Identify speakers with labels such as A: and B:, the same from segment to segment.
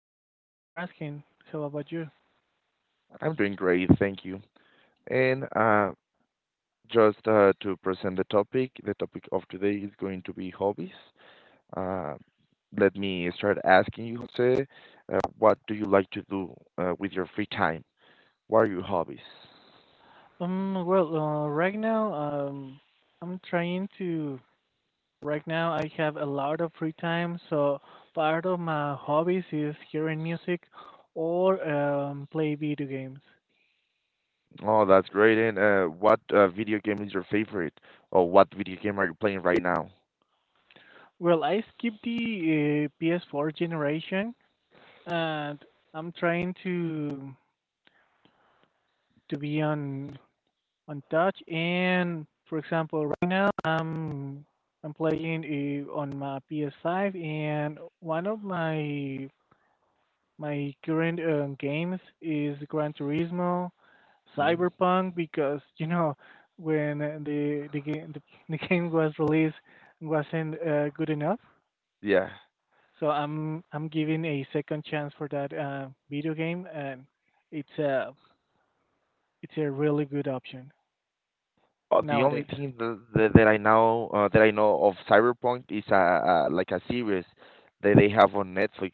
A: I'm doing good. Thanks for asking. So how about you?
B: I'm doing great, thank you. And Just to present the topic of today is going to be hobbies. Uh, Let me start asking you, Jose, what do you like to do with your free time? What are your hobbies?
A: Right now, I'm trying to. Right now, I have a lot of free time, so part of my hobbies is hearing music or play video games.
B: Oh, that's great. And what video game is your favorite? Or what video game are you playing right now?
A: Well, I skipped the PS4 generation, and I'm trying to be on touch. And for example, right now I'm playing on my PS5, and one of my current games is Gran Turismo,
B: Hmm?
A: Cyberpunk, because you know when the game was released wasn't good enough.
B: Yeah.
A: So I'm giving a second chance for that video game, and it's a it's a really good option
B: The only
A: nowadays.
B: thing that I know, that I know of Cyberpunk is a like a series that they have on Netflix.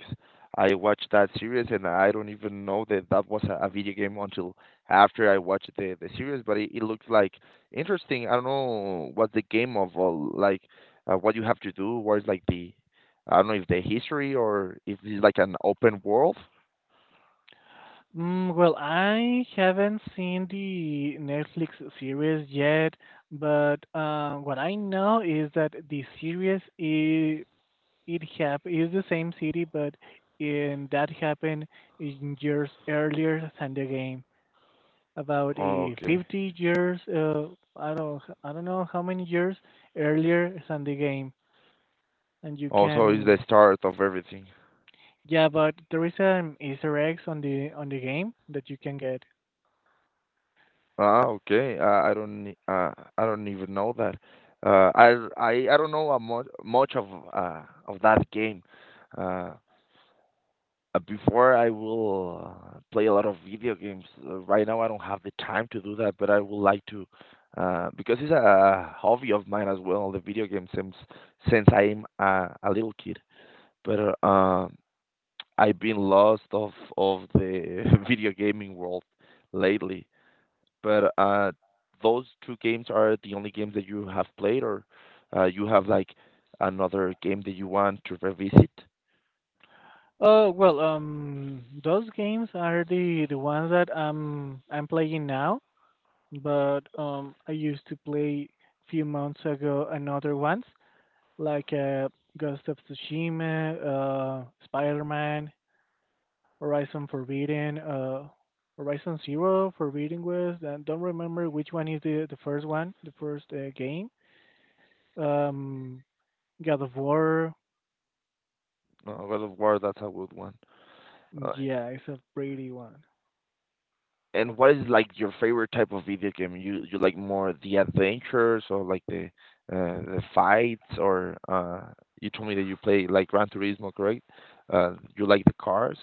B: I watched that series and I don't even know that that was a video game until after I watched the series. But it looks like interesting. I don't know what's the game of, or like what you have to do. What is like the— I don't know if the history or if it's like an open world.
A: Well, I haven't seen the Netflix series yet, but what I know is that the series is it hap is the same city, but in that happened in years earlier than the game, about
B: Oh,
A: a
B: okay.
A: 50 years. I don't know how many years earlier than the game, and you
B: Also, it's the
A: can
B: start of everything.
A: yeah, but there is an Easter eggs on the game that you can get.
B: Ah, okay. I don't even know that. I don't know a much uh of that game. Uh, Before I will play a lot of video games. Right now I don't have the time to do that, but I would like to, because it's a hobby of mine as well, the video game, since I'm a little kid. But I've been lost of the video gaming world lately. But those two games are the only games that you have played, or you have like another game that you want to revisit?
A: Those games are the ones that I'm playing now, but I used to play few months ago another ones like Ghost of Tsushima, Spider-Man, Horizon Forbidden, uh, Horizon Zero, Forbidden West. I don't remember which one is the first one, the first game. Um, God of War.
B: God of War, that's a good one. Uh,
A: Yeah, it's a pretty one.
B: and what is like your favorite type of video game? You like more the adventures or like the fights, or you told me that you play like Gran Turismo, correct? You like the cars?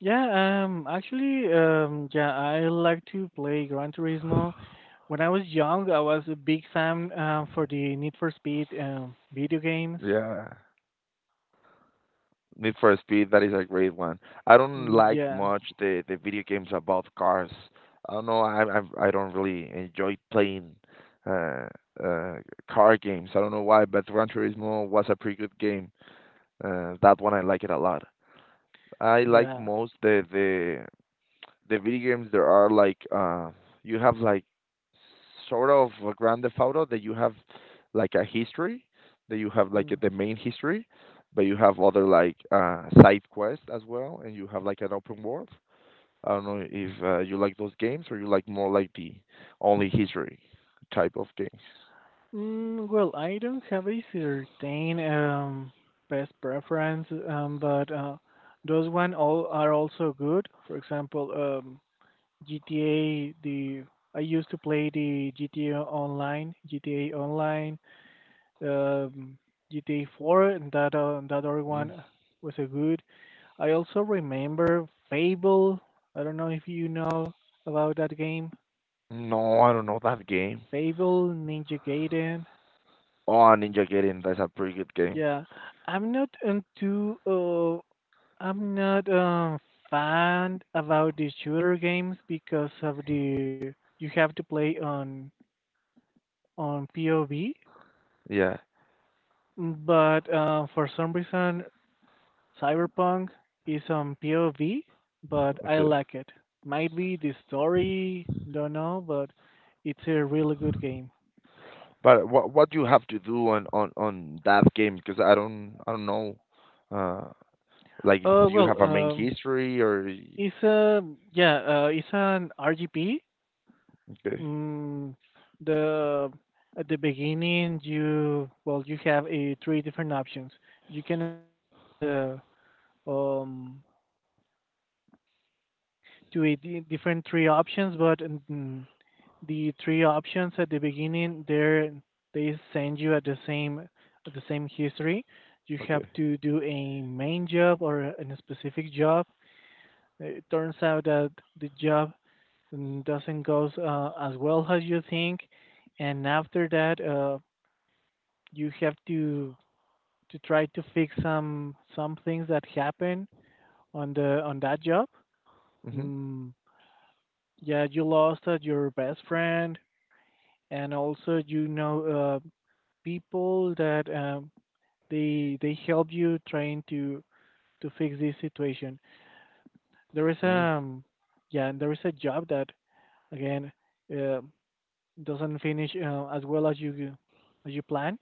A: Yeah, yeah, I like to play Gran Turismo. When I was young, I was a big fan for the Need for Speed video games.
B: Yeah. Need for Speed, that is a great one. I don't like
A: Yeah,
B: much the video games about cars. I don't know. I don't really enjoy playing uh uh car games. I don't know why, but Gran Turismo was a pretty good game. That one I like it a lot. I like
A: yeah.
B: most the the video games there are like, you have like sort of a Grand Theft Auto that you have like a history, that you have like
A: Mm.
B: the main history, but you have other like side quests as well, and you have like an open world. I don't know if you like those games, or you like more like the only history type of games.
A: Well, I don't have a certain best preference, but those one all are also good. For example, um, GTA. The I used to play the GTA Online, GTA Online um, GTA 4 and that other
B: Mm.
A: one was a good. I also remember Fable. I don't know if you know about that game.
B: No, I don't know that game.
A: Fable, Ninja Gaiden.
B: Oh, Ninja Gaiden, that's a pretty good game.
A: Yeah, I'm not into. I'm not fan about the shooter games because of the you have to play on POV.
B: Yeah.
A: But for some reason, Cyberpunk is on POV, but I
B: Okay.
A: like it. Might be the story, don't know, but it's a really good game.
B: But what you have to do on on that game? Because I don't know. Uh, like,
A: Uh,
B: do you
A: well,
B: have a main
A: um,
B: history, or y-?
A: it's a yeah, it's an RGB.
B: Okay,
A: Mm, the at the beginning, you have a three different options. You can start as a um different three options, but the three options at the beginning there they send you at the same history. You have
B: okay.
A: to do a main job or a specific job. It turns out that the job doesn't go as well as you think, and after that you have to try to fix some things that happen on the on that job.
B: Mhm.
A: mm, yeah, you lost your best friend, and also you know people that they help you trying to fix this situation. There is
B: Mhm.
A: yeah, and there is a job that again uh, doesn't finish as well as you plan,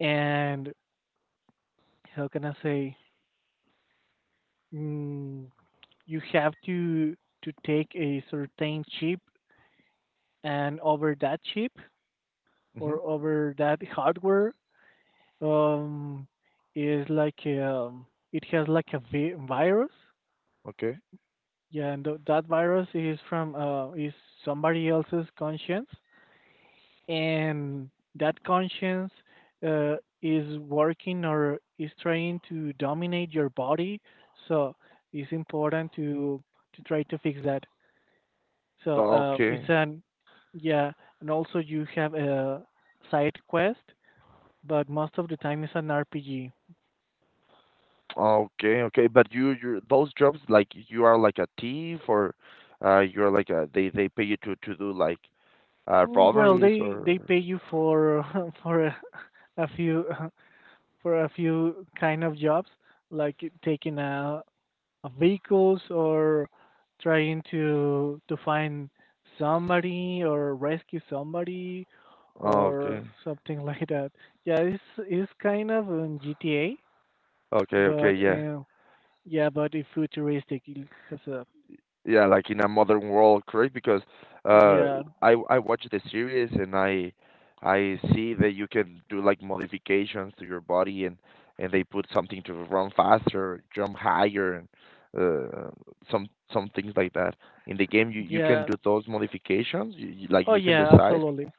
A: and how can I say, mm, you have to take a certain chip, and over that chip
B: Mhm.
A: or over that hardware um is like it has like a virus.
B: Okay,
A: Yeah, and that virus is from is somebody else's conscience, and that conscience uh, is working or is trying to dominate your body. So it's important to try to fix that. So it's
B: okay.
A: an yeah, and also you have a side quest, but most of the time it's an RPG.
B: Okay, okay. But you those jobs, like you are like a thief, or you're like a, they pay you to do like,
A: Well,
B: robberies
A: they
B: or—
A: they pay you for for a few. for a few kind of jobs, like taking a vehicles or trying to find somebody or rescue somebody
B: Oh,
A: or
B: okay.
A: something like that. Yeah, it's kind of in GTA,
B: Okay, okay,
A: but
B: yeah.
A: yeah, but it's futuristic. It has a
B: Yeah, like in a modern world, correct? Because, uh,
A: yeah,
B: I watch the series and I see that you can do like modifications to your body, and they put something to run faster, jump higher, and uh, some some things like that. In the game, you can
A: yeah.
B: do those modifications. You like,
A: Oh
B: you can
A: yeah,
B: decide.
A: absolutely.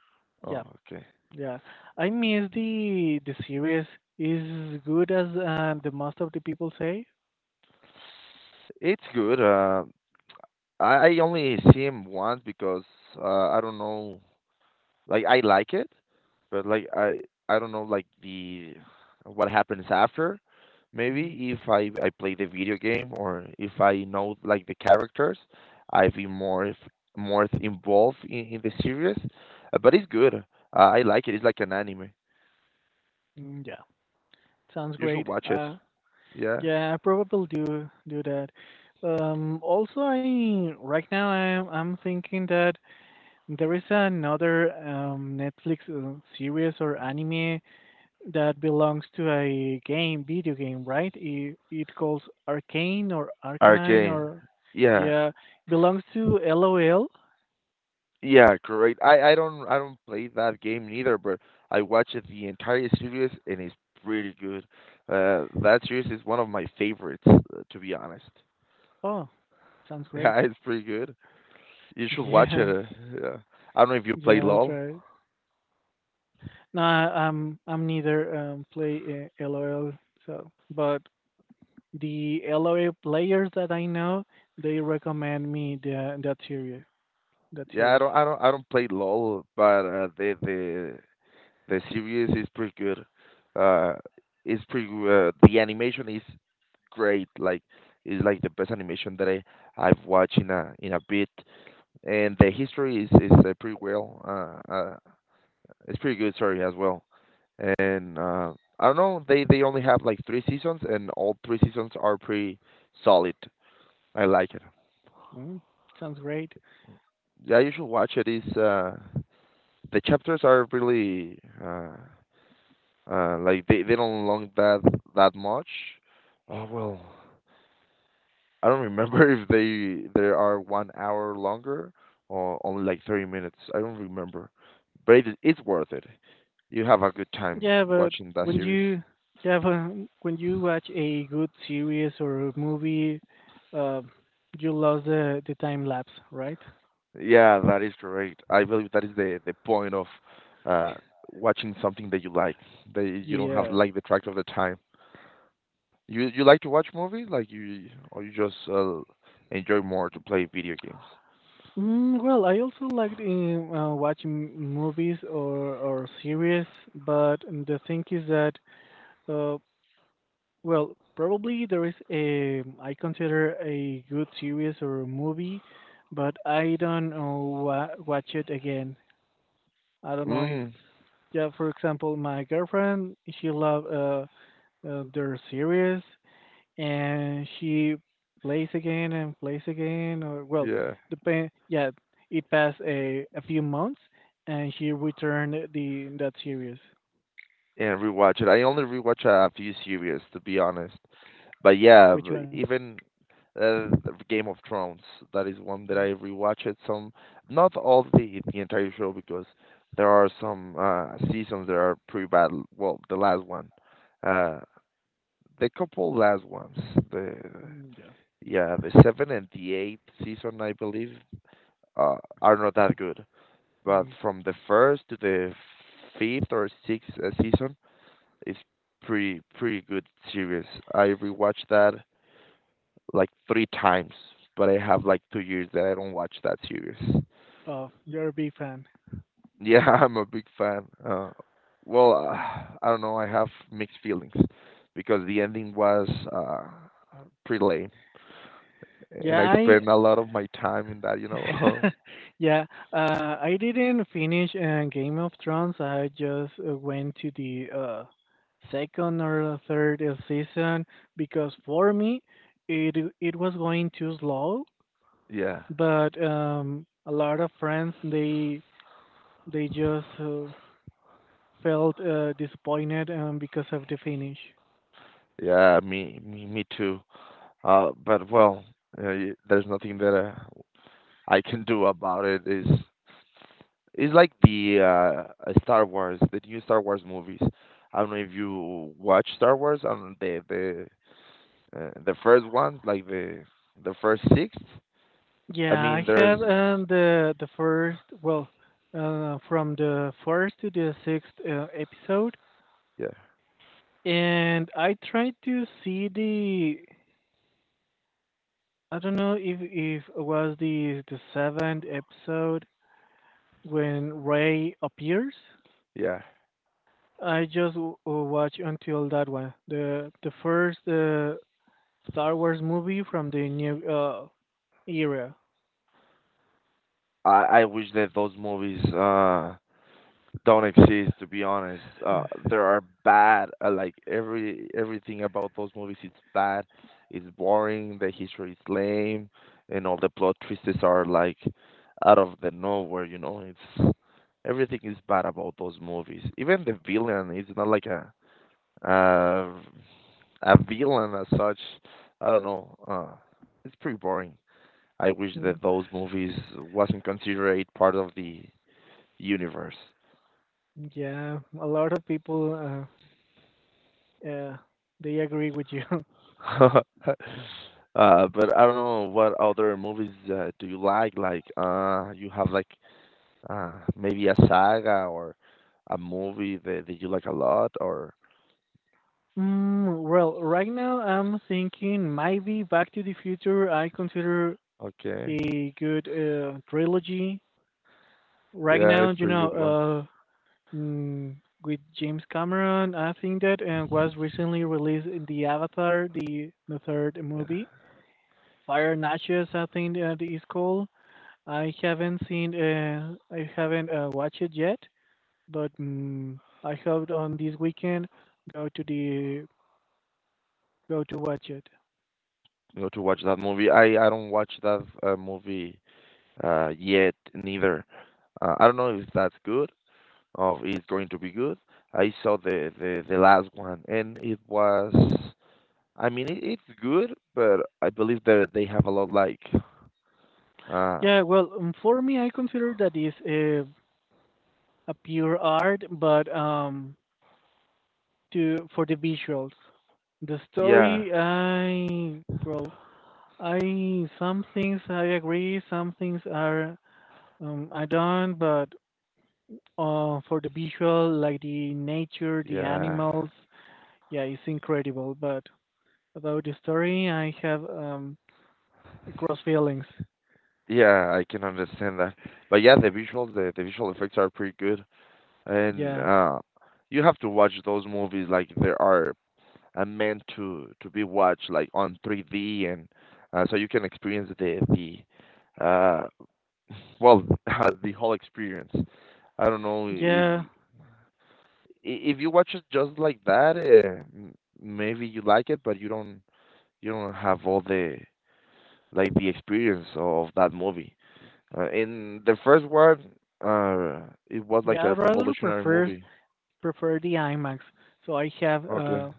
A: Yeah,
B: Oh, okay.
A: yeah. I miss the series is good as the most of the people say.
B: It's good. I only see him once because, I don't know. Like, I like it, but like I don't know like the— what happens after.
A: Mm-hmm.
B: Maybe if I play the video game, or if I know like the characters, I'd be more if, more involved in the series. But it's good. I like it. It's like an anime.
A: Yeah, sounds
B: You should
A: great.
B: watch it. Yeah.
A: Yeah, I probably do that. I right now I'm thinking that there is another Netflix series or anime that belongs to video game, right? It calls Arcane or Arcanine
B: Arcane.
A: or
B: Yeah.
A: yeah, belongs to LOL.
B: Yeah, correct. I don't play that game neither, but I watched the entire series, and it's pretty good. That series is one of my favorites, to be honest.
A: Oh, sounds
B: Yeah,
A: great.
B: it's pretty good. You should watch it.
A: Yeah,
B: Yeah. I don't know if you play
A: yeah, I'll
B: LOL.
A: try. Nah, I'm neither play LOL. So, but the LOL players that I know, they recommend me the that series. That
B: Yeah,
A: series.
B: I don't play LOL, but the series is pretty good. Uh, it's pretty good. The animation is great. Like, it's like the best animation that I've watched in a bit. And the history is pretty well. It's pretty good, sorry, as well. And I don't know, they only have like three seasons, and all three seasons are pretty solid. I like it.
A: Mm, sounds great.
B: Yeah, you should watch it. Is the chapters are really, like they don't long that that much. Oh well. I don't remember if they they are 1 hour longer or only like 30 minutes. I don't remember, but it's worth it. You have a good time
A: Yeah, but
B: watching that
A: when
B: series.
A: you yeah, but when you watch a good series or a movie, uh, you lost the time lapse, right?
B: Yeah, that is correct. I believe that is the point of, uh, watching something that you like. That you don't have
A: Yeah.
B: like the track of the time. You like to watch movies, like you, or you just enjoy more to play video games.
A: Well, I also like watching movies or series, but the thing is that Uh, well, probably there is a I consider a good series or a movie, but I don't know wa watch it again. I don't know if
B: Mm,
A: yeah, for example, my girlfriend she love their series, and she plays again and plays again. Or well
B: yeah,
A: depend yeah, it passed a few months and she returned the that series.
B: and rewatch it. I only rewatch a few series, to be honest. But yeah,
A: Which
B: b-
A: one?
B: even uh, Game of Thrones, that is one that
A: Mm,
B: I rewatched some, not all the entire show, because there are some seasons that are pretty bad. Well, the last one, uh, the couple last ones, the
A: yeah.
B: yeah, the seven and the eighth season, I believe, uh, are not that good. But
A: Mm.
B: from the first to the fifth or sixth season, is pretty good series. I rewatched that like three times, but I have like 2 years that I don't watch that series.
A: Oh, you're a big fan.
B: Yeah, I'm a big fan. Well, I don't know. I have mixed feelings because the ending was pretty lame, and
A: Yeah,
B: I
A: I
B: spent a lot of my time in that. You know.
A: yeah, I didn't finish Game of Thrones. I just went to the second or third season because for me it it was going too slow.
B: Yeah.
A: But a lot of friends they just felt disappointed because of the finish.
B: Yeah. Me. Me. Me too. But well, there's nothing that I can do about it. Is— it's like the, Star Wars, the new Star Wars movies. I don't know if you watch Star Wars on the the first ones, like the first six. I
A: Yeah, I
B: mean, there's,
A: have the first well from the first to the sixth episode.
B: yeah,
A: And I tried to see the I don't know if it was the seventh episode when Ray appears.
B: yeah.
A: I just watch until that one, the first Star Wars movie from the new era.
B: I wish that those movies don't exist, to be honest.
A: Uh,
B: There are bad, like every everything about those movies is bad, it's boring, the history is lame, and all the plot twists are like out of the nowhere, you know. It's everything is bad about those movies. Even the villain is not like a, uh a villain as such. I don't know, it's pretty boring. I wish
A: Mm,
B: that those movies wasn't considered part of the universe.
A: Yeah, a lot of people uh, they agree with you.
B: But I don't know what other movies do you like? Like, you have like maybe a saga, or a movie that, that you like a lot, or—
A: Well, right now I'm thinking maybe Back to the Future. I consider
B: Okay,
A: a good trilogy right
B: yeah,
A: now.
B: it's
A: You
B: pretty good one.
A: know, uh, mm, with James Cameron, I think that and was recently released in the Avatar, the third
B: Yeah,
A: movie, Fire and Ashes. I think that is called. I haven't watched it yet, but I hope on this weekend go to the go to watch it.
B: you know, to watch that movie. I don't watch that movie, yet neither. I don't know if that's good, or if it's going to be good. I saw the the last one, and it was— I mean, it's good, but I believe that they have a lot like— Uh,
A: Yeah, well, for me, I consider that is a pure art, but to for the visuals. The
B: yeah,
A: story, I well, I some things I agree, some things are I don't, but for the visual, like the nature, the
B: yeah,
A: animals, yeah, it's incredible. But about the story, I have cross feelings.
B: yeah. I can understand that, but yeah, the visuals, the visual effects are pretty good, and
A: Yeah,
B: you have to watch those movies like they are meant to be watched like on 3D, and so you can experience the well the whole experience. I don't know if
A: yeah,
B: I- if you watch it just like that, maybe you like it, but you don't have all the, like, the experience of that movie. In the first one, uh, it was like
A: yeah. I
B: a
A: rather
B: revolutionary movie.
A: prefer the IMAX. So I have
B: Okay.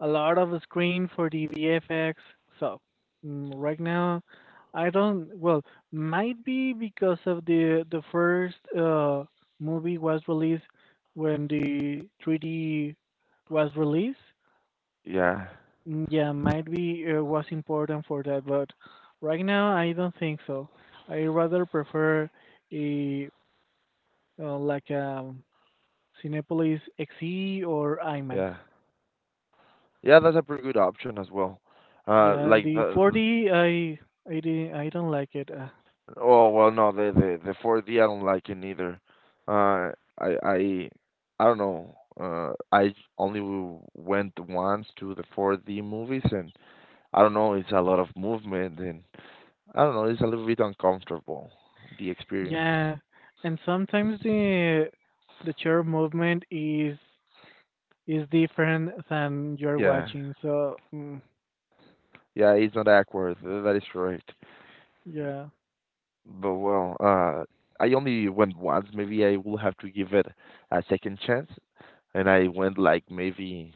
A: a lot of screen for the VFX. So right now, I don't. Well, might be because of the first movie was released when the 3D was released.
B: Yeah,
A: Yeah, might be was important for that, but right now I don't think so. I rather prefer a like Cinepolis XE or IMAX.
B: yeah, yeah. That's a pretty good option as well.
A: Yeah,
B: Like
A: the
B: the—
A: 4D, I don't like it.
B: oh well, no, the the 4D I don't like it neither. Uh, I I I don't know. I only went once to the 4D movies, and I don't know. It's a lot of movement, and I don't know. It's a little bit uncomfortable, the experience.
A: Yeah, and sometimes the chair movement is different than you're
B: Yeah,
A: watching. So
B: yeah. It's not awkward. That is correct.
A: yeah,
B: But well, I only went once. Maybe I will have to give it a second chance. And I went like maybe,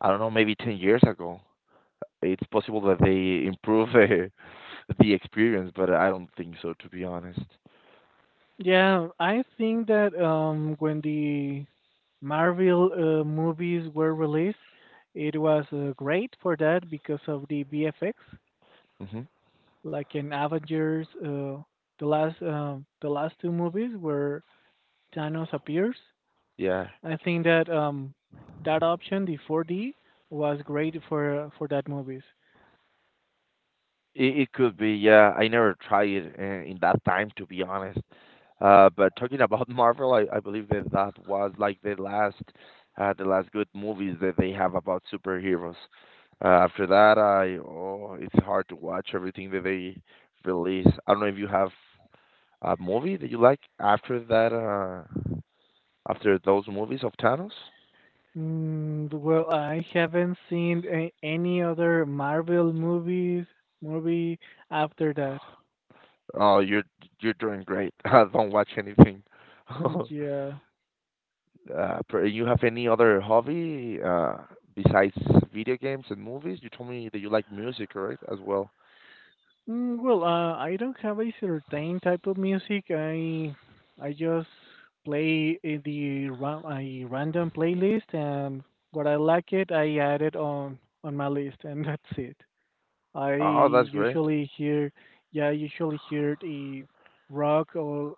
B: I don't know, maybe 10 years ago. It's possible that they improve the experience, but I don't think so, to be honest.
A: yeah, I think that when the Marvel movies were released, it was great for that because of the BFX.
B: Hmm.
A: Like in Avengers, the last two movies where Thanos appears,
B: Yeah.
A: I think that that option, the 4D, was great for that movies.
B: It could be, yeah. I never tried it in that time, to be honest. But talking about Marvel, I believe that that was like the last good movies that they have about superheroes. After that, it's hard to watch everything that they release. I don't know if you have a movie that you like after that, after those movies of Thanos.
A: Well, I haven't seen any other Marvel movies movie after that.
B: Oh, you're doing great. Don't watch anything.
A: Yeah.
B: You have any other hobby besides video games and movies? You told me that you like music, right, as well.
A: Well, I don't have a certain type of music. I just play a random playlist, and what I like it, I add it on my list, and that's it. I
B: Oh, that's great.
A: usually hear, yeah, I usually hear the rock or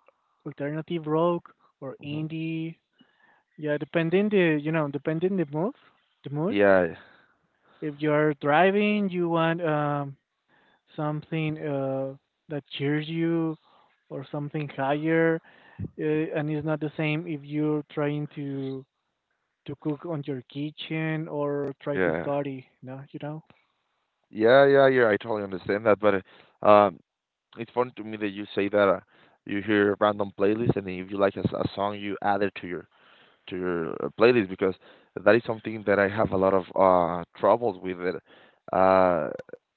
A: alternative rock or
B: Hmm.
A: indie. Yeah, depending the, you know, depending the mood, the mood.
B: Yeah,
A: If you're driving, you want something that cheers you or something higher, and it's not the same if you're trying to cook on your kitchen or try to
B: yeah,
A: study. No, you know.
B: yeah. I totally understand that, but uh, um, it's funny to me that you say that you hear random playlist, and if you like a song, you add it to your playlist because that is something that I have a lot of troubles with it. Uh,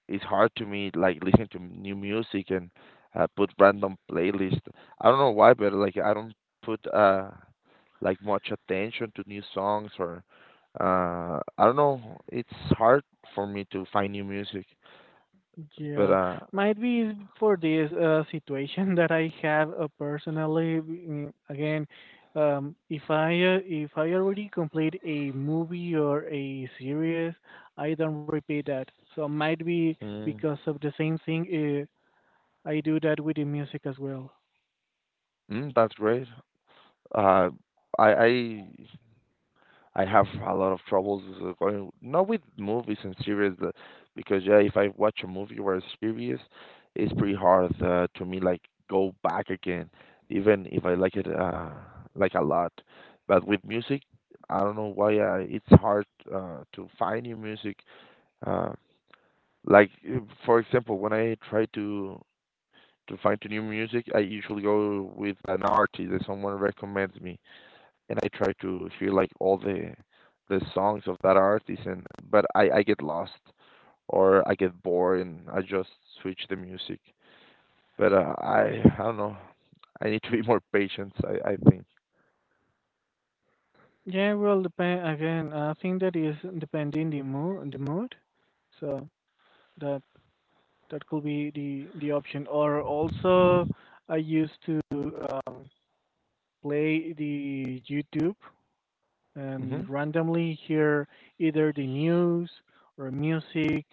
B: it's hard to me like listen to new music and put random playlist. I don't know why, but like I don't put like much attention to new songs or I don't know. It's hard for me to find new music, but
A: Yeah, might be for this situation that I have personally. Again, if I already complete a movie or a series, I don't repeat that. So might be
B: mm,
A: because of the same thing. I do that with the music as well.
B: that's great. Uh, I I I have a lot of troubles going not with movies and series because yeah, if I watch a movie or a series, it's pretty hard to me like go back again, even if I like it like a lot. But with music, I don't know why it's hard to find new music. Uh, like uh, for example, when I try to find new music, I usually go with an artist that someone recommends me and I try to hear like all the songs of that artist and but I get lost or I get bored and I just switch the music. But I don't know. I need to be more patient, I think.
A: Yeah, well, depend again. I think that is depending the mood, the mood. So that that could be the option. Or also, I used to. Um, play the YouTube
B: Mhm.
A: and randomly hear either the news or music.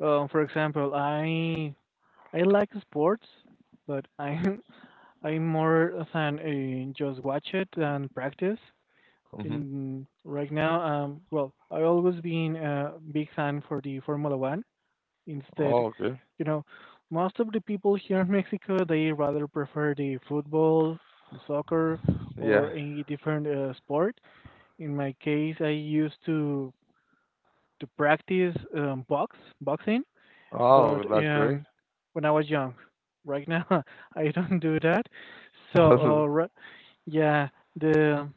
A: For example, I like sports, but I'm I'm more than just watch it than practice.
B: Mhm.
A: In right now, well, I always been a big fan for the Formula One. Instead,
B: Oh, okay.
A: you know, most of the people here in Mexico they rather prefer the football, the soccer, or
B: Yeah.
A: any different sport. In my case, I used to practice boxing,
B: Oh,
A: but
B: that's great.
A: when I was young. Right now, I don't do that. So, yeah, the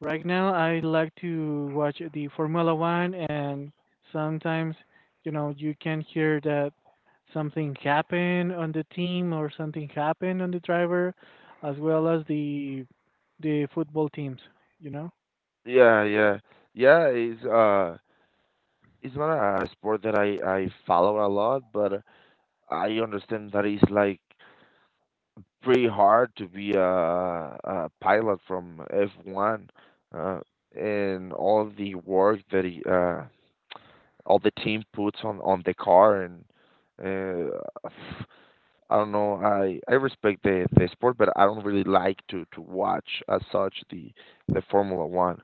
A: right now, I like to watch the Formula One, and sometimes, you know, you can hear that something happened on the team or something happened on the driver, as well as the football teams. You know.
B: Yeah, yeah. Yeah, it's not a sport that I follow a lot, but I understand that it's like pretty hard to be a pilot from F1 uh, and all the work that all the team puts on the car and uh, I don't know I respect the sport but I don't really like to watch as such the Formula 1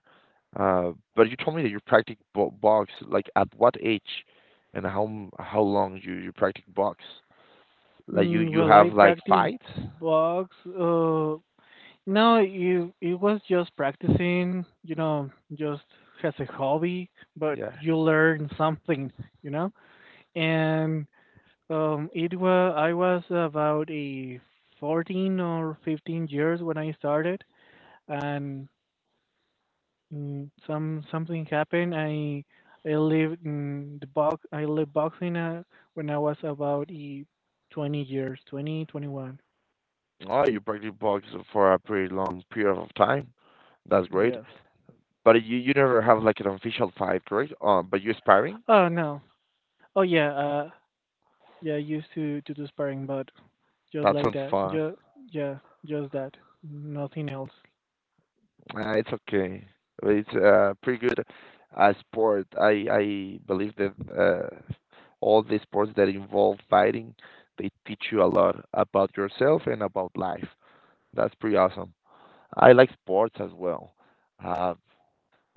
B: but you told me that you practice box like at what age and how how long you practice box like
A: Mm,
B: you
A: well,
B: have
A: I
B: like
A: practice
B: fights.
A: box. No, it was just practicing. You know, just as a hobby, but
B: Yeah.
A: you learn something. You know. And it was I was about a 14 or 15 years when I started, and something happened. I lived in the box. I lived boxing when I was about a 20 years, twenty twenty-one.
B: Oh, you practice boxing for a pretty long period of time. That's
A: Yeah.
B: great. But you never have like an official fight, correct? But you are sparring?
A: Oh no. Oh yeah. Yeah. I used to do sparring, but just
B: That
A: like
B: sounds
A: that.
B: fun.
A: Just yeah. Just that. Nothing else.
B: It's okay. It's pretty good sport. I believe that all the sports that involve fighting, they teach you a lot about yourself and about life. That's pretty awesome. I like sports as well. Uh,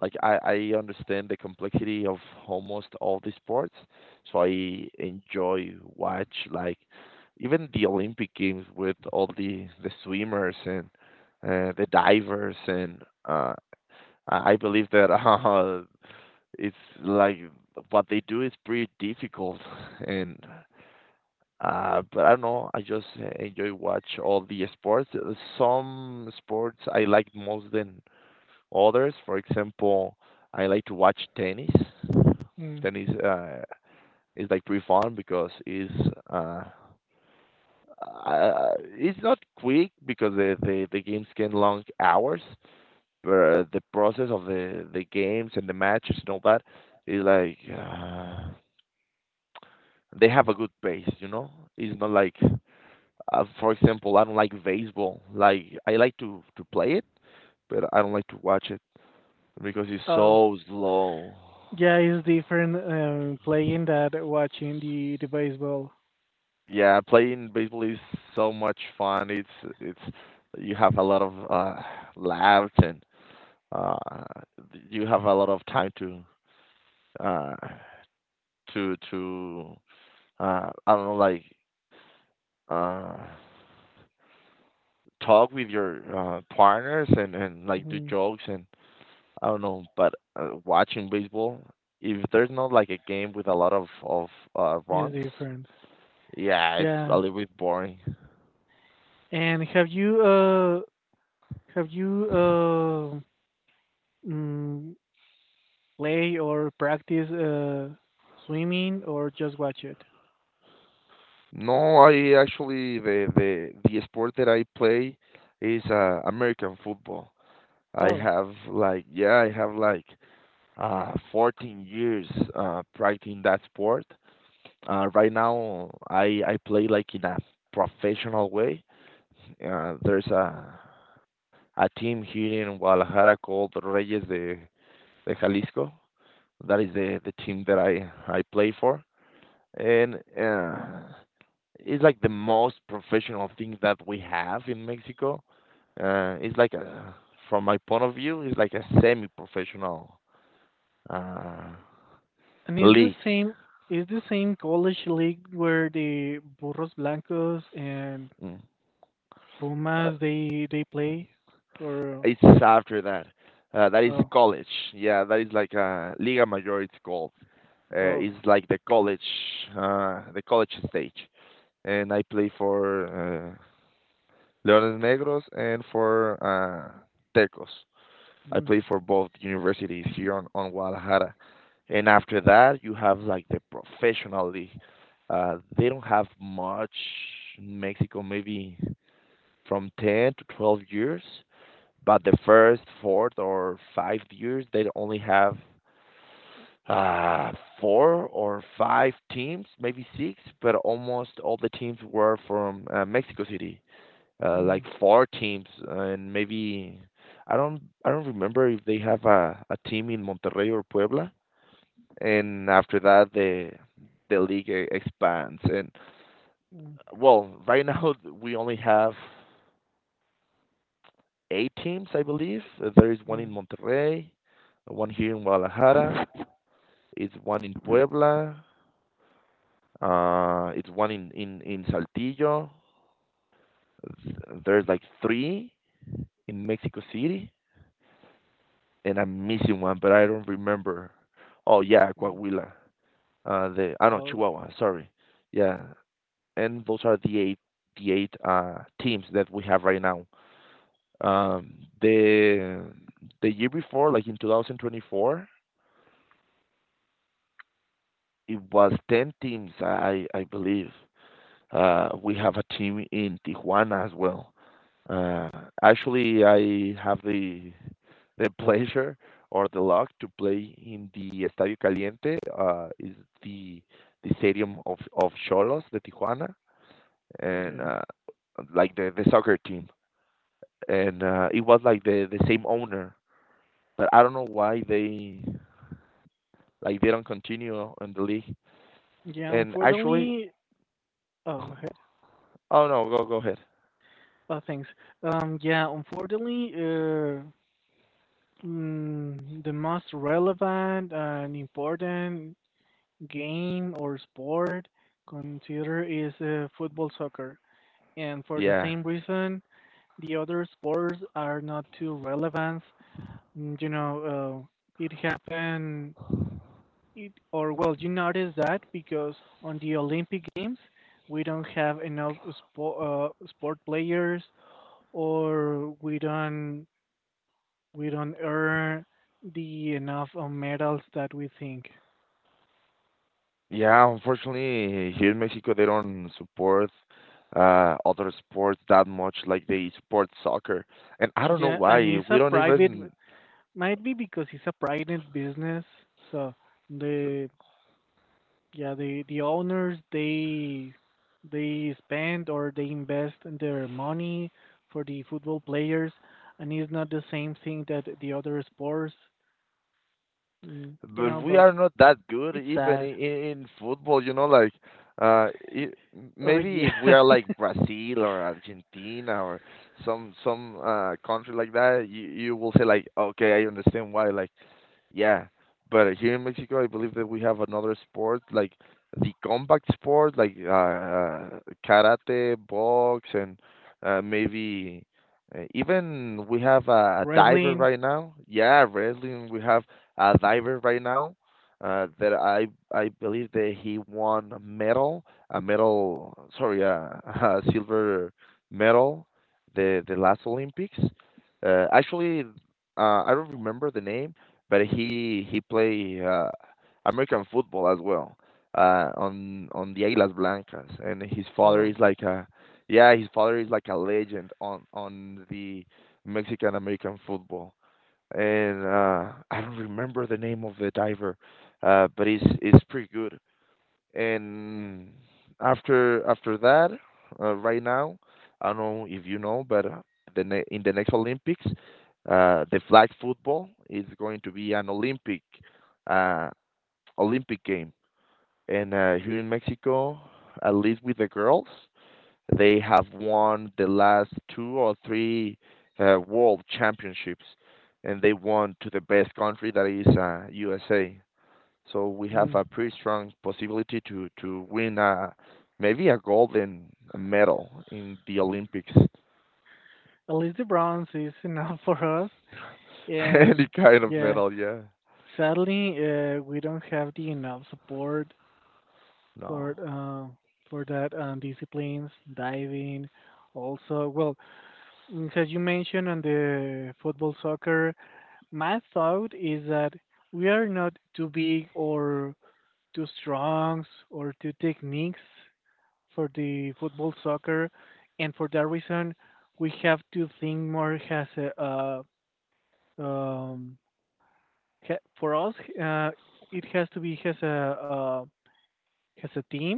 B: Like I understand the complexity of almost all the sports, so I enjoy watch like even the Olympic Games with all the swimmers and the divers and uh, I believe that it's like what they do is pretty difficult and but I don't know. I just enjoy watch all the sports. Some sports I like most than others. For example, I like to watch tennis.
A: Mm.
B: Tennis is like pretty fun because uh, it's not quick because the games can long hours, but the process of the games and the matches and all that is like they have a good pace, you know. It's not like, For example, I don't like baseball. Like I like to play it, but I don't like to watch it because it's
A: Oh.
B: so slow.
A: Yeah, it's different playing that watching the baseball.
B: Yeah, playing baseball is so much fun. It's you have a lot of laughs and uh, you have a lot of time to uh, to to I don't know like uh, talk with your partners and like do
A: Mm,
B: jokes and I don't know. But watching baseball, if there's not like a game with a lot of
A: is
B: runs,
A: different.
B: yeah, it's a
A: Yeah.
B: little bit boring.
A: And have you have you mm, play or practice swimming or just watch it?
B: No, I actually the sport that I play is American football. I
A: Oh,
B: have like yeah, I have like 14 years practicing that sport. Right now I play like in a professional way. There's a team here in Guadalajara called Reyes de de Jalisco. That is the team that I play for. And it's like the most professional thing that we have in Mexico. It's like from my point of view, it's like a semi-professional uh,
A: and
B: league.
A: is the same college league where the Burros Blancos and
B: Mm. Uh,
A: Pumas they play or
B: it's after that. That is
A: oh
B: college. Yeah, that is like Liga Mayor. It's called.
A: oh
B: It's like the college stage. And I play for Leones Negros and for Tecos. I
A: mm,
B: played for both universities here on Guadalajara. And after that, you have like the professional league. They don't have much in Mexico, maybe from 10 to 12 years. But the first, fourth, or 5 years, they only have uh, four or five teams, maybe six, but almost all the teams were from Mexico City like
A: mm,
B: four teams, and maybe I don't remember if they have a team in Monterrey or Puebla. And after that, the the league expands. And
A: mm,
B: well, right now we only have eight teams, I believe. There is one in
A: mm,
B: Monterrey, one here in Guadalajara, it's one in Puebla, it's one in Saltillo. Th- There's like three in Mexico City and I'm missing one, but I don't remember. Oh yeah,
A: mm.
B: Coahuila. The I know
A: Oh,
B: Chihuahua. Sorry. Yeah, and those are the eight the eight teams that we have right now. Um, the the year before, like in 2024, it was 10 teams, I believe. We have a team in Tijuana as well. Uh, actually, I have the pleasure or the luck to play in the Estadio Caliente. Is the the stadium of Cholos, the Tijuana, and
A: yeah.
B: like the soccer team. And it was like the same owner, but I don't know why they like they don't continue in the league.
A: Yeah,
B: And actually,
A: unfortunately, oh, go ahead.
B: oh no, go go ahead.
A: Oh, thanks. Yeah, unfortunately, the most relevant and important game or sport considered is football soccer. And for the
B: Yeah.
A: same reason, the other sports are not too relevant. Mm, you know, uh, it happened it or well, you notice that because on the Olympic Games we don't have enough sport sport players, or we don't earn the enough of medals that we think.
B: Yeah, unfortunately, here in Mexico, they don't support other sports that much like they support soccer. And I don't know
A: Yeah, and
B: why.
A: it's a
B: We don't
A: private,
B: even,
A: might be because it's a private business, so the yeah, the owners they spend or they invest their money for the football players, and it's not the same thing that the other sports. Mm, don't
B: but
A: know,
B: we
A: but
B: are not that good
A: it's
B: even
A: sad.
B: in football, you know, like uh, it,
A: Oh
B: maybe
A: yeah,
B: if we are like Brazil or Argentina or some country like that, you will say like, okay, I understand why. Like yeah, but here in Mexico, I believe that we have another sport like the combat sport, like karate, box, and maybe even we have a diver
A: wrestling.
B: right now. Yeah, wrestling. We have a diver right now that I believe that he won a medal, sorry, a silver medal, the last Olympics. Actually, I don't remember the name but he play American football as well on the Águilas Blancas, and his father is
A: Oh,
B: like a yeah, his father is like a legend on the Mexican American football. And I don't remember the name of the diver, but he's it's pretty good. And after after that, right now, I don't know if you know, but the ne in the next Olympics, the flag football is going to be an Olympic uh, Olympic game. And here in Mexico, at least with the girls, they have won the last two or three world championships, and they won to the best country that is USA. So we have
A: mm.
B: a pretty strong possibility to win a maybe a golden medal in the Olympics.
A: At least the bronze is enough for us,
B: Any
A: and
B: kind of
A: yeah,
B: medal, yeah.
A: sadly we don't have the enough support for
B: No.
A: uh, for that disciplines diving. Also, well, mm, as you mentioned on the football soccer, my thought is that we are not too big or too strong or too techniques for the football soccer, and for that reason, we have to think more as a um for us, uh, it has to be as a team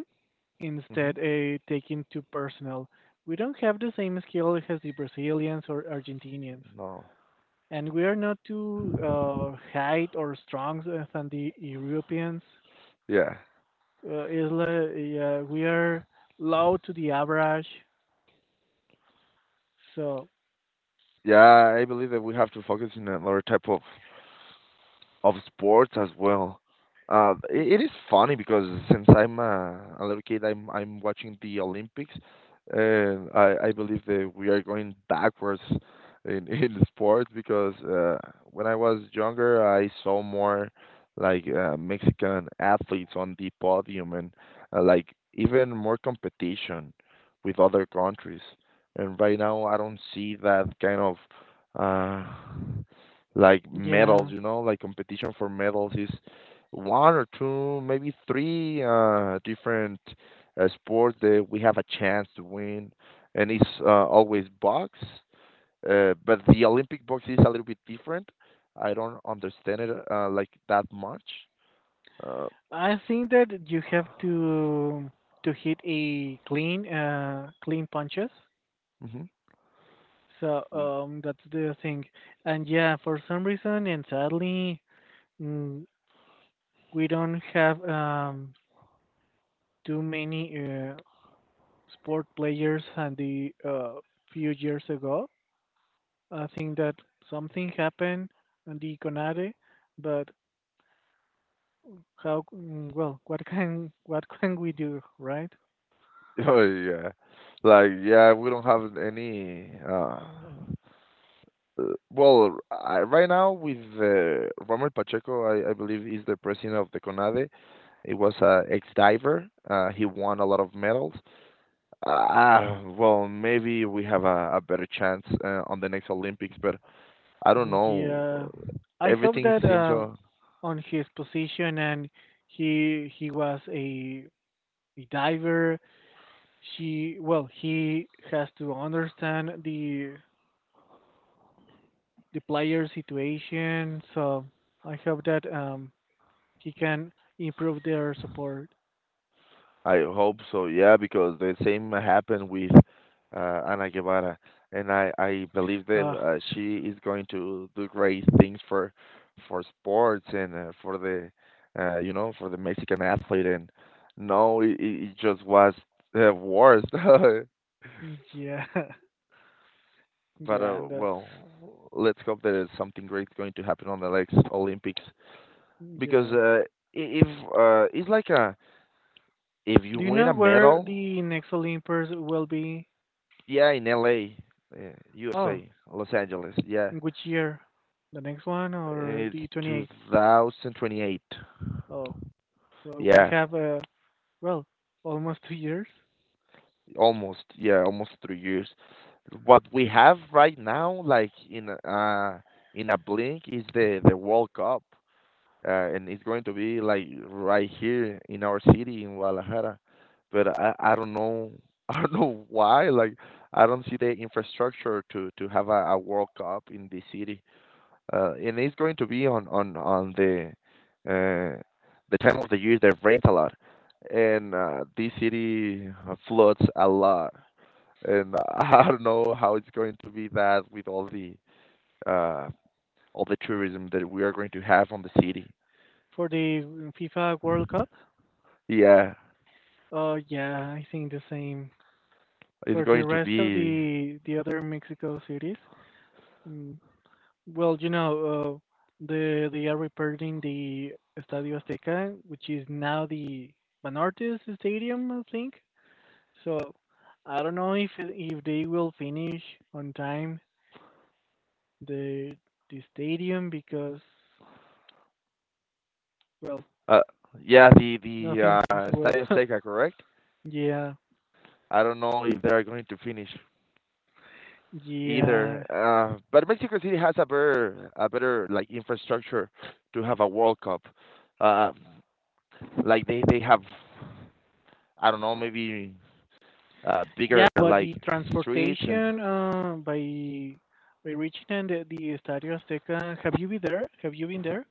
A: instead
B: Hmm.
A: a taking too personal. We don't have the same skill as the Brazilians or Argentinians.
B: No.
A: And we are not too high or strong than the Europeans.
B: Yeah.
A: Yeah, we are low to the average. So
B: Yeah, I believe that we have to focus in another type of sports as well. It is funny because since I'm a little kid, I'm watching the Olympics, and I believe that we are going backwards in in sports because when I was younger, I saw more like Mexican athletes on the podium and like even more competition with other countries. And right now, I don't see that kind of. Uh, like
A: yeah,
B: medals, like competition for medals is one or two, maybe three different sports that we have a chance to win, and it's always box. But the Olympic box is a little bit different. I don't understand it like that much. Uh,
A: I think that you have to hit a clean clean punches.
B: mhm.
A: So that's the thing. And yeah, for some reason and sadly, mm, we don't have too many sport players than the few years ago. I think that something happened on the Conade, but how? Well, what can what can we do, right?
B: Oh yeah, like yeah, we don't have any. Well, I, right now with Romer Pacheco, I believe he's the president of the CONADE. He was a ex-diver. He won a lot of medals. Well, maybe we have a better chance on the next Olympics, but I don't
A: Mm,
B: know.
A: yeah, I hope
B: Everything
A: that
B: seems
A: on his position, and he was a diver. He has to understand the player situation. So I hope that he can improve their support.
B: I hope so. Yeah, because the same happened with Ana Guevara, and I believe that
A: Uh,
B: she is going to do great things for sports and for the uh, for the Mexican athlete. And no, it just was worse.
A: yeah,
B: But
A: yeah, and that's
B: well, let's hope that something great is going to happen on the next Olympics because
A: yeah.
B: if it's like a if you
A: Do you
B: win
A: know
B: a
A: where
B: medal.
A: the next Olympus will be?
B: Yeah, in LA,
A: Oh,
B: USA, Los Angeles. Yeah,
A: in which year? The next one or
B: it's
A: the 28th?
B: 2028.
A: Oh, so we
B: Yeah,
A: have, well, almost 2 years
B: almost. Yeah, almost 3 years. What we have right now, like in a blink, is the World Cup, and it's going to be like right here in our city in Guadalajara. But I don't know I don't know why. Like I don't see the infrastructure to have a World Cup in this city. And it's going to be on uh, the time of the year that rains a lot, and this city floods a lot. And I don't know how it's going to be that with uh, all the tourism that we are going to have on the city.
A: for the FIFA World Cup.
B: Yeah,
A: Oh, yeah, I think the same.
B: it's
A: For the
B: going to
A: rest of
B: be
A: the other Mexico cities, mm, well, you know, they are repairing the Estadio Azteca, which is now the Banortes Stadium, I think. So I don't know if they will finish on time the the stadium because well
B: uh, yeah the
A: nothing
B: the
A: seems
B: uh,
A: well
B: Stadium Azteca, correct?
A: yeah
B: I don't know if they are going to finish either.
A: yeah
B: But Mexico City has a better like infrastructure to have a World Cup. Uh, like they have, I don't know, maybe bigger
A: yeah but
B: like
A: the
B: streets and
A: transportation by reaching the Estadio Azteca. Have you been there have you been there?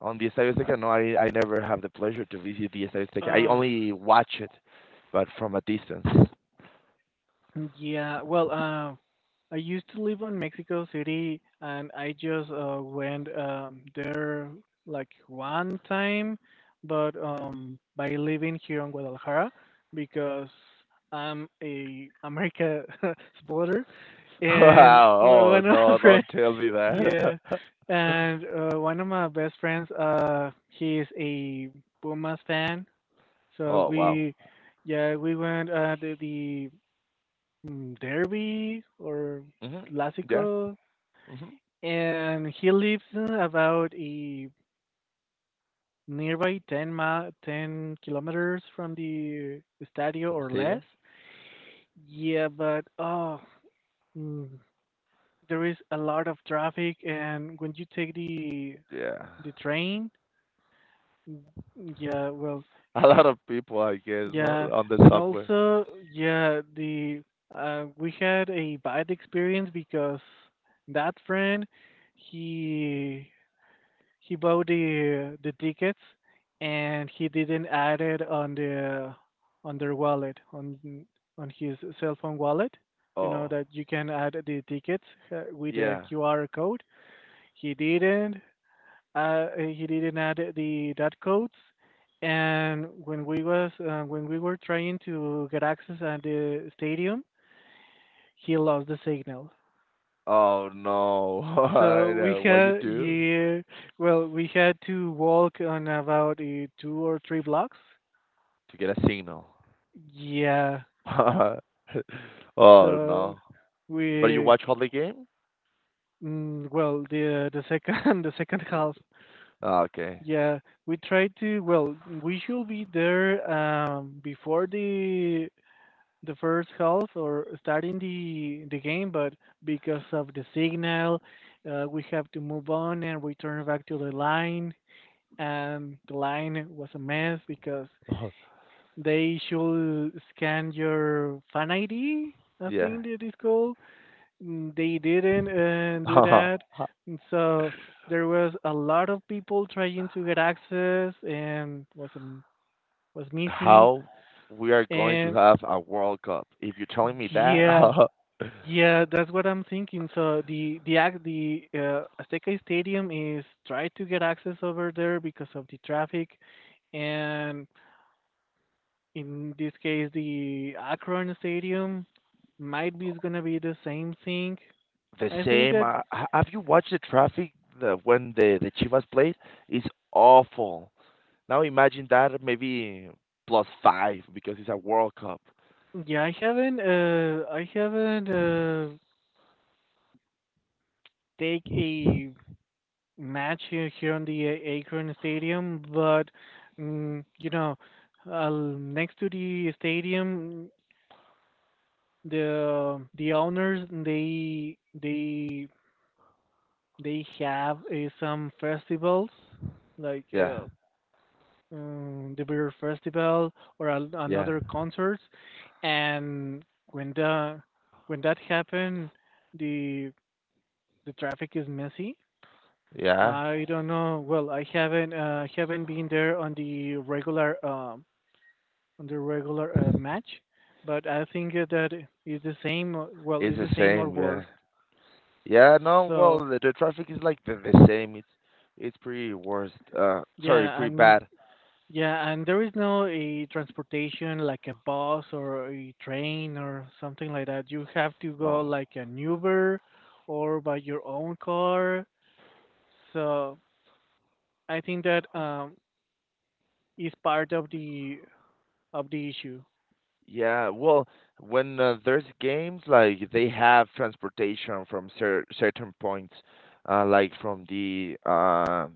B: on the Estadio Azteca. No, I never have the pleasure to visit the Estadio Azteca. I
A: Uh,
B: only watch it, but from a distance.
A: Yeah, well, I used to live in Mexico City, and I just went there like one time, but by living here in Guadalajara because I'm a America supporter, and
B: Wow! Oh
A: one of my
B: no!
A: friends,
B: Don't tell me that.
A: yeah, and one of my best friends, he is a Pumas fan, so
B: Oh wow.
A: we, yeah, we went to the derby or
B: Mhm. Yeah.
A: clásico,
B: Mhm.
A: and he lives about a nearby 10 ma 10 kilometers from the estadio
B: From
A: or less.
B: stadium.
A: Yeah, but oh, mm, there is a lot of traffic, and when you take the
B: Yeah.
A: the train, mm, yeah, well,
B: A lot of people, I guess,
A: yeah,
B: no, on the
A: and
B: subway.
A: also yeah, the we had a bad experience because that friend he he bought the tickets, and he didn't add it on the on their wallet on his cell phone wallet. You know
B: Oh,
A: that you can add the tickets with a
B: yeah.
A: qr code. he didn't he didn't add the dot codes, and when we were trying to get access at the stadium, he lost the signal.
B: Oh no. I
A: So we
B: know. What you
A: had
B: do
A: yeah, well, we had to walk on about two or three blocks.
B: to get a signal?
A: Yeah.
B: Oh
A: So
B: no. But you
A: we
B: watch all the game?
A: well the second the second half.
B: Ah, okay.
A: Yeah, we tried to well we should be there before the first half or starting the game, but because of the signal, we have to move on and return back to the line. And the line was a mess because they should scan your fan ID, I
B: Yeah.
A: think it is called. Mm, they didn't do that. And so there was a lot of people trying to get access and was missing.
B: How we are going to
A: And
B: have a World Cup? If you're telling me that,
A: yeah yeah That's what I'm thinking. So the azteca stadium is trying to get access over there because of the traffic, and in this case the Akron Stadium might be is gonna be the same thing.
B: the
A: I think
B: same.
A: that
B: Have you watched the traffic when the Chivas played? It's awful. Now imagine that maybe plus five because it's a World Cup.
A: yeah, I haven't take a match here on the A- Akron Stadium, but you know, next to the stadium, the owners they have some festivals like
B: Yeah.
A: the beer festival or an
B: Yeah.
A: another concert, and when that happened, the the traffic is messy.
B: Yeah.
A: I don't know. Well, I haven't been there on the regular match, but I think that it's the same. Well,
B: It's
A: it's
B: the
A: the same or
B: same. Yeah.
A: worse.
B: Yeah. No. Well,
A: So
B: the traffic is like the same. It's pretty worst. Sorry,
A: yeah,
B: pretty
A: and
B: bad.
A: yeah, and there is no a transportation like a bus or a train or something like that. You have to go
B: No.
A: like an Uber or by your own car. So I think that is part of the issue.
B: Yeah. Well, when there's games like they have transportation from certain points, like from the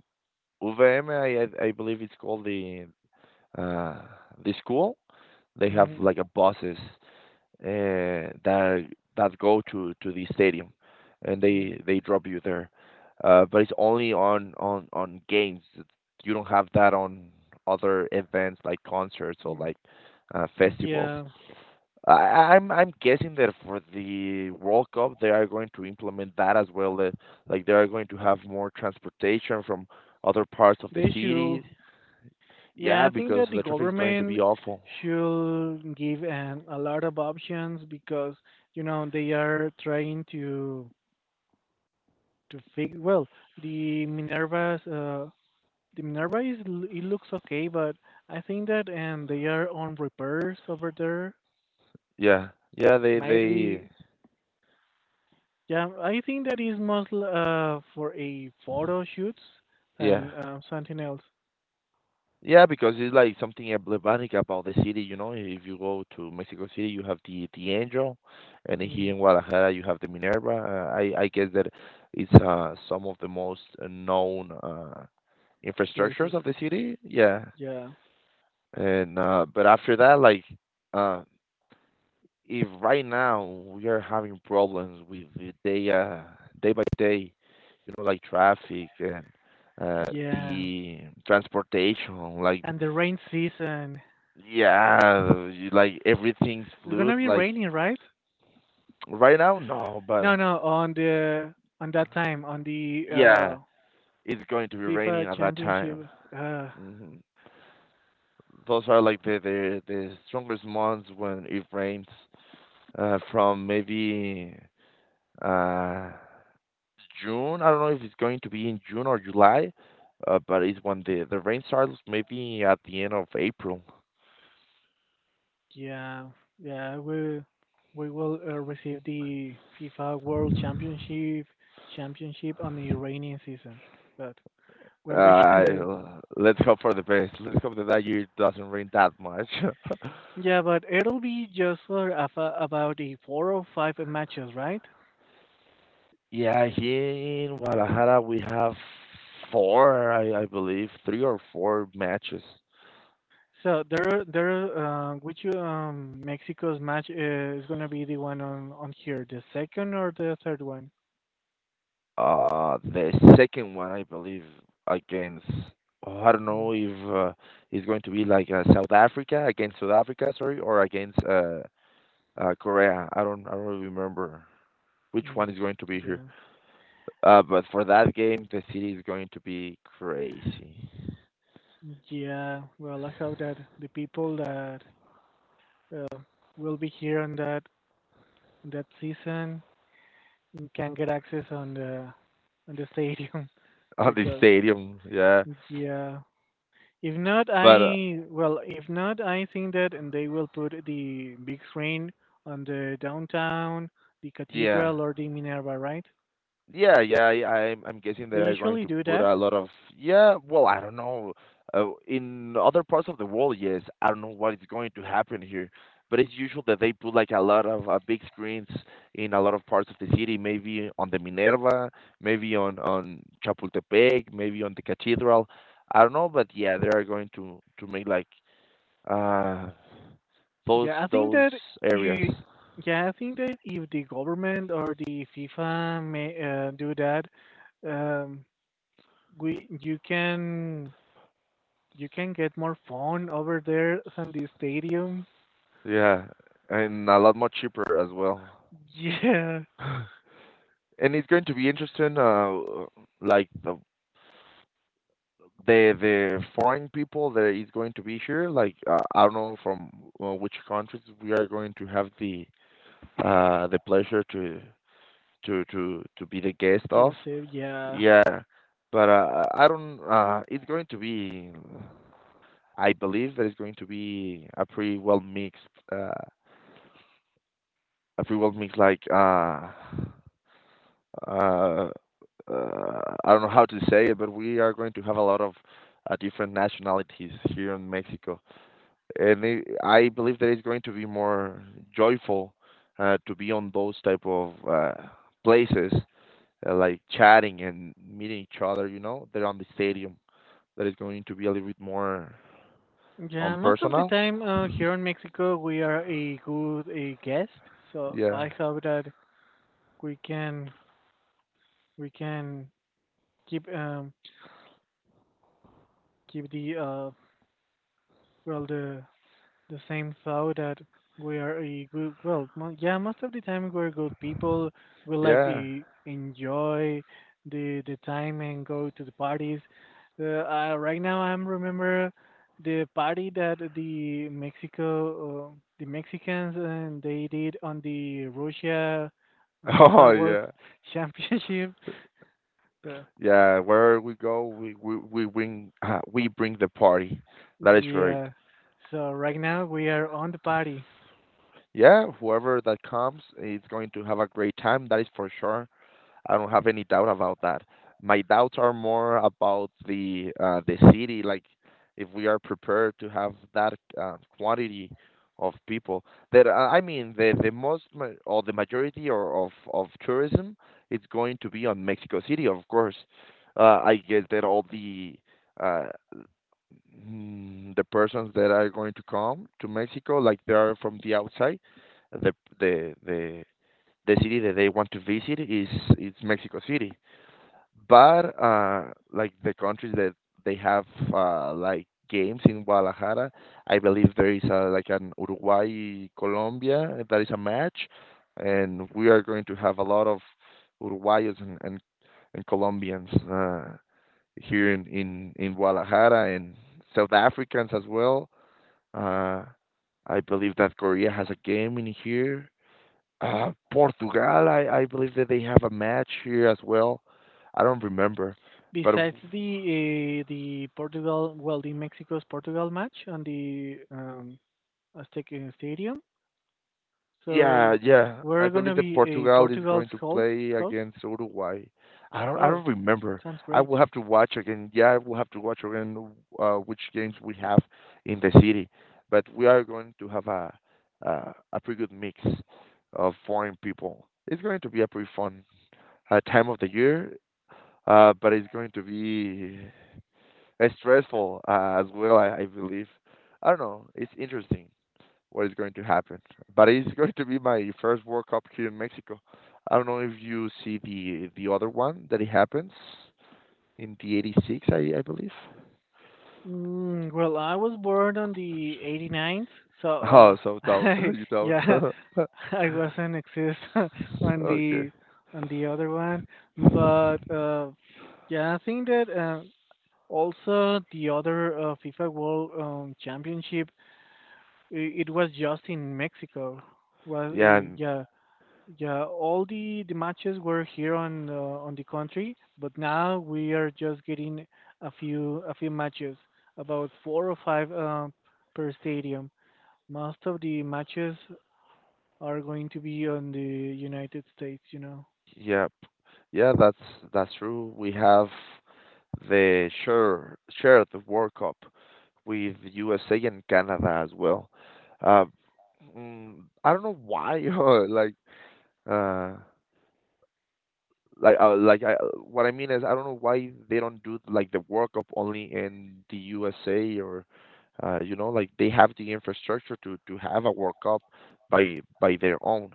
B: UVM, I believe it's called uh the school. They have
A: Mm,
B: like a buses. That that go to the stadium, and
A: mm,
B: they drop you there. But it's only on games. You don't have that on other events like concerts or
A: mm.
B: like festivals.
A: Yeah,
B: I'm guessing that for the World Cup they are going to implement that as well. That like they are going to have more transportation from other parts of the
A: they should.
B: city.
A: Yeah,
B: Yeah,
A: I think
B: because
A: that the
B: the traffic is going to be
A: government
B: awful.
A: should give an a lot of options because you know they are trying to fix well, the Minerva's uh the Minerva is it looks okay, but I think that and they are on repairs over there.
B: Yeah, yeah, they
A: Might
B: they
A: be yeah, I think that is most for a photo shoots
B: yeah.
A: than something else
B: Yeah, because it's like something emblematic about the city, you know. If you go to Mexico City, you have the Angel, and
A: mm,
B: here in Guadalajara, you have the Minerva. I guess that it's some of the most known infrastructures
A: places.
B: of the city. Yeah,
A: Yeah.
B: and but after that, like uh if right now we are having problems with the day by day, you know, like traffic and uh
A: Yeah.
B: the transportation, like
A: And the rain season.
B: yeah, you, like everything's
A: It's gonna
B: fluid.
A: be
B: Like
A: raining, right?
B: right now, no,
A: No,
B: but
A: no, on the on that time, on the
B: yeah, it's going to be raining
A: FIFA
B: at that time.
A: championship. Uh.
B: Hmm Those are like the strongest months when it rains, from maybe uh June. I don't know if it's going to be in June or July, but it's when the rain starts, maybe at the end of April.
A: Yeah, yeah, we will receive the FIFA World Championship championship on the rainy season. But what we can
B: Uh,
A: do?
B: let's hope for the best. Let's hope that that year doesn't rain that much.
A: Yeah, but it'll be just for a about a four or five matches, right?
B: Yeah, here in Guadalajara we have 4, I believe, 3 or 4 matches.
A: So which Mexico's match is gonna be the one on here, the second or the third one?
B: The second one, I believe, against, oh, I don't
A: Mm,
B: know if it's going to be like South Africa, against South Africa, sorry, or against Korea. I don't really remember which
A: mm,
B: one is going to be here.
A: yeah.
B: But for that game, the city is going to be crazy
A: Yeah, well, I hope that the people that uh, will be here on that season can get access on the stadium
B: on the
A: because
B: stadium. Yeah,
A: yeah if not
B: but
A: I well if not I think that and they will put the big screen on the downtown, the
B: yeah.
A: cathedral or the minerva, right?
B: Yeah, yeah, I'm guessing they
A: They
B: are going
A: usually
B: to
A: do
B: put
A: that.
B: a lot of yeah. Well, I don't know. In other parts of the world, yes, I don't know what is going to happen here, but it's usual that they put like a lot of big screens in a lot of parts of the city. Maybe on the Minerva, maybe on Chapultepec, maybe on the cathedral. I don't know, but yeah, they are going to make like uh
A: yeah i think
B: those
A: that
B: areas.
A: if, yeah I think that if the government or the fifa may do that um we you can you can get more fun over there than the stadium.
B: Yeah, and a lot more cheaper as well.
A: Yeah,
B: And it's going to be interesting like the the foreign people that is going to be here like I don't know from which countries we are going to have the pleasure to to be the guest
A: to
B: of
A: receive. Yeah,
B: yeah but I don't it's going to be I believe that it's going to be a pretty well mixed uh a pretty well mixed like uh, I don't know how to say it, but we are going to have a lot of different nationalities here in Mexico, and I believe that it's going to be more joyful to be on those type of places, like chatting and meeting each other. You know, they're on the stadium. That is going to be a little bit more
A: yeah. Most of the
B: unpersonal.
A: time here in Mexico, we are a good a guest. So
B: Yeah,
A: I hope that we can we can keep keep the well the same thought that we are a good yeah most of the time we're good people. We like
B: yeah.
A: to enjoy the time and go to the parties right now I'm remember the party that the mexicans and they did on the russia
B: Oh
A: fifa world
B: yeah,
A: championship uh,
B: yeah. Wherever we go, we bring we bring the party. That is right.
A: yeah, so right now we are on the party.
B: Yeah, whoever that comes is going to have a great time, that is for sure. I don't have any doubt about that. My doubts are more about the city, like if we are prepared to have that quantity of people. That I mean, the most or the majority or of tourism is going to be on Mexico City, of course. I get that all the uh, the persons that are going to come to Mexico, like they are from the outside, the the the the city that they want to visit is Mexico City. But like the countries that they have like games in Guadalajara, I believe there is a, like an Uruguay Colombia that is a match, and we are going to have a lot of Uruguayos and Colombians here in Guadalajara and South Africans as well. Uh, I believe that Korea has a game in here. Portugal, I believe that they have a match here as well. I don't remember, but
A: Besides the Portugal, well, the Mexico's Portugal match on the Aztec Stadium,
B: yeah,
A: so
B: yeah, I
A: we're
B: believe
A: gonna
B: that
A: be a
B: Portugal is
A: Portugal's
B: going to
A: host.
B: play
A: Host?
B: against Uruguay. I
A: Oh,
B: don't remember.
A: sounds
B: I will
A: great.
B: have to watch again. Yeah, I will have to watch again which games we have in the city. But we are going to have a pretty good mix of foreign people. It's going to be a pretty fun time of the year, but it's going to be it's stressful as well, I believe. I don't know. It's interesting what is going to happen, but it's going to be my first World Cup here in Mexico. I don't know if you see the other one that it happens in the '86, I believe.
A: Mm, well, I was born on the eighty ninth, so
B: Oh, so don't
A: I,
B: you don't.
A: yeah, I wasn't exist on
B: Okay.
A: the on the other one, but yeah, I think that also the other FIFA World Championship, it was just in Mexico.
B: Yeah, and
A: Yeah, yeah. All the matches were here on the country, but now we are just getting a few matches, about four or five per stadium. Most of the matches are going to be on the United States, you know.
B: yeah. Yeah, that's true. We have the share share of the World Cup with USA and Canada as well. Uh, mm, I don't know why, uh, like uh, like I, what I mean is I don't know why they don't do like the World Cup only in the USA or you know like they have the infrastructure to have a World Cup by their own.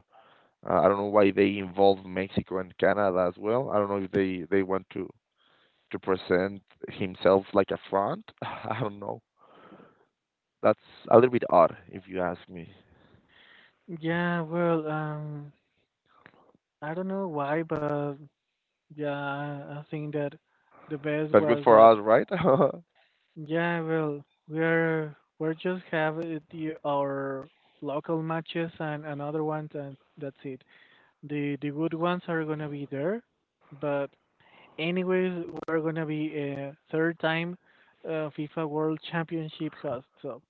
B: I don't know why they involve Mexico and Canada as well. I don't know if they want to present himself like a front. I don't know. That's a little bit odd, if you ask me.
A: Yeah, well, I don't know why, but yeah, I think that the best
B: But good
A: was
B: for
A: that
B: us, right?
A: yeah, well, we're just have it, the, our local matches and another ones, and that's it. The good ones are gonna be there, but anyways, we're gonna be a third time FIFA World Championship host. So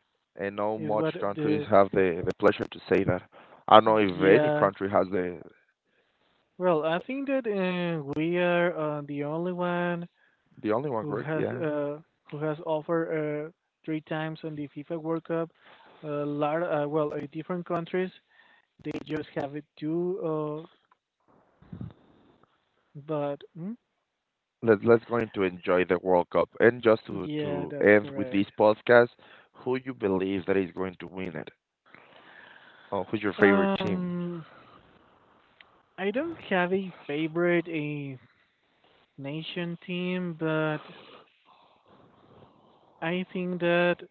B: And not
A: is
B: much
A: what
B: countries
A: the
B: have the pleasure to say that. I don't know if any
A: yeah.
B: country has
A: Well, I think that we are the only one
B: the only one,
A: who
B: correct?
A: has
B: Yeah.
A: uh, who has offered three times on the FIFA World Cup. A lot, different countries they just have it too. But mm,
B: Let, let's go into enjoy the World Cup. And just
A: yeah,
B: to
A: that's
B: end with this
A: correct.
B: podcast, who you believe that is going to win it? Oh, who's your favorite team?
A: Um, I don't have a favorite a nation team, but I think that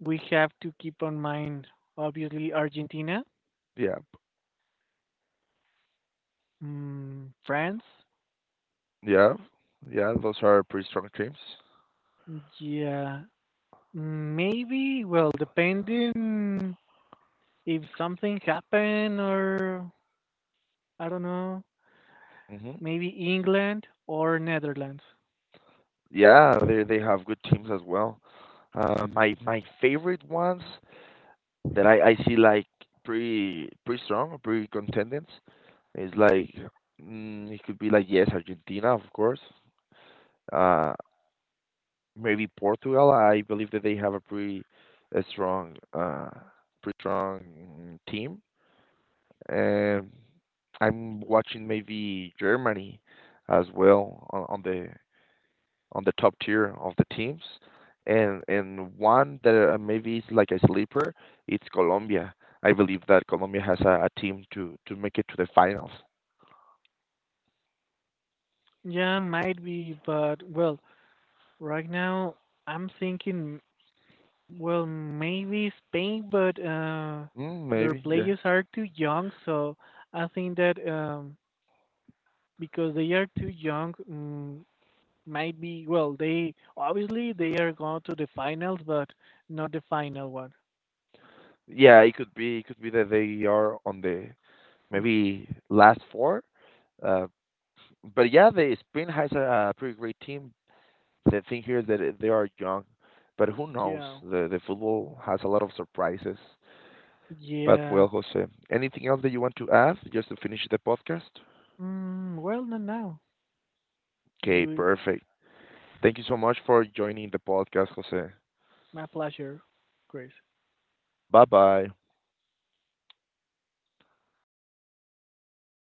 A: we have to keep on mind obviously Argentina,
B: Yeah.
A: mm, France.
B: Yeah. Yeah. Those are pretty strong teams.
A: Yeah, maybe. Well, depending. If something happened or I don't know,
B: Hmm
A: maybe England or Netherlands.
B: Yeah, they have good teams as well. My favorite ones that I see like pretty pretty strong, or pretty contendants is like mm, it could be like yes, Argentina of course. Uh, Maybe Portugal. I believe that they have a pretty a strong pretty strong mm, team. And I'm watching maybe Germany as well on the top tier of the teams. And one that maybe is like a sleeper, it's Colombia. I believe that Colombia has a team to make it to the finals.
A: Yeah, might be, but well, right now I'm thinking, well, maybe Spain, but
B: Mm,
A: their
B: maybe, yeah.
A: players are too young, so I think that because they are too young, might be, well, they obviously they are going to the finals, but not the final one.
B: Yeah, it could be that they are on the
A: Mm,
B: maybe last four. Uh, but yeah, the Spain has a pretty great team. The thing here is that they are young, but who knows?
A: yeah,
B: The football has a lot of surprises. But
A: yeah.
B: well, Jose, anything else that you want to add just to finish the podcast?
A: Mm, well, not now. It's
B: Okay,
A: great.
B: perfect. Thank you so much for joining the podcast, Jose.
A: My pleasure, Chris.
B: Bye bye.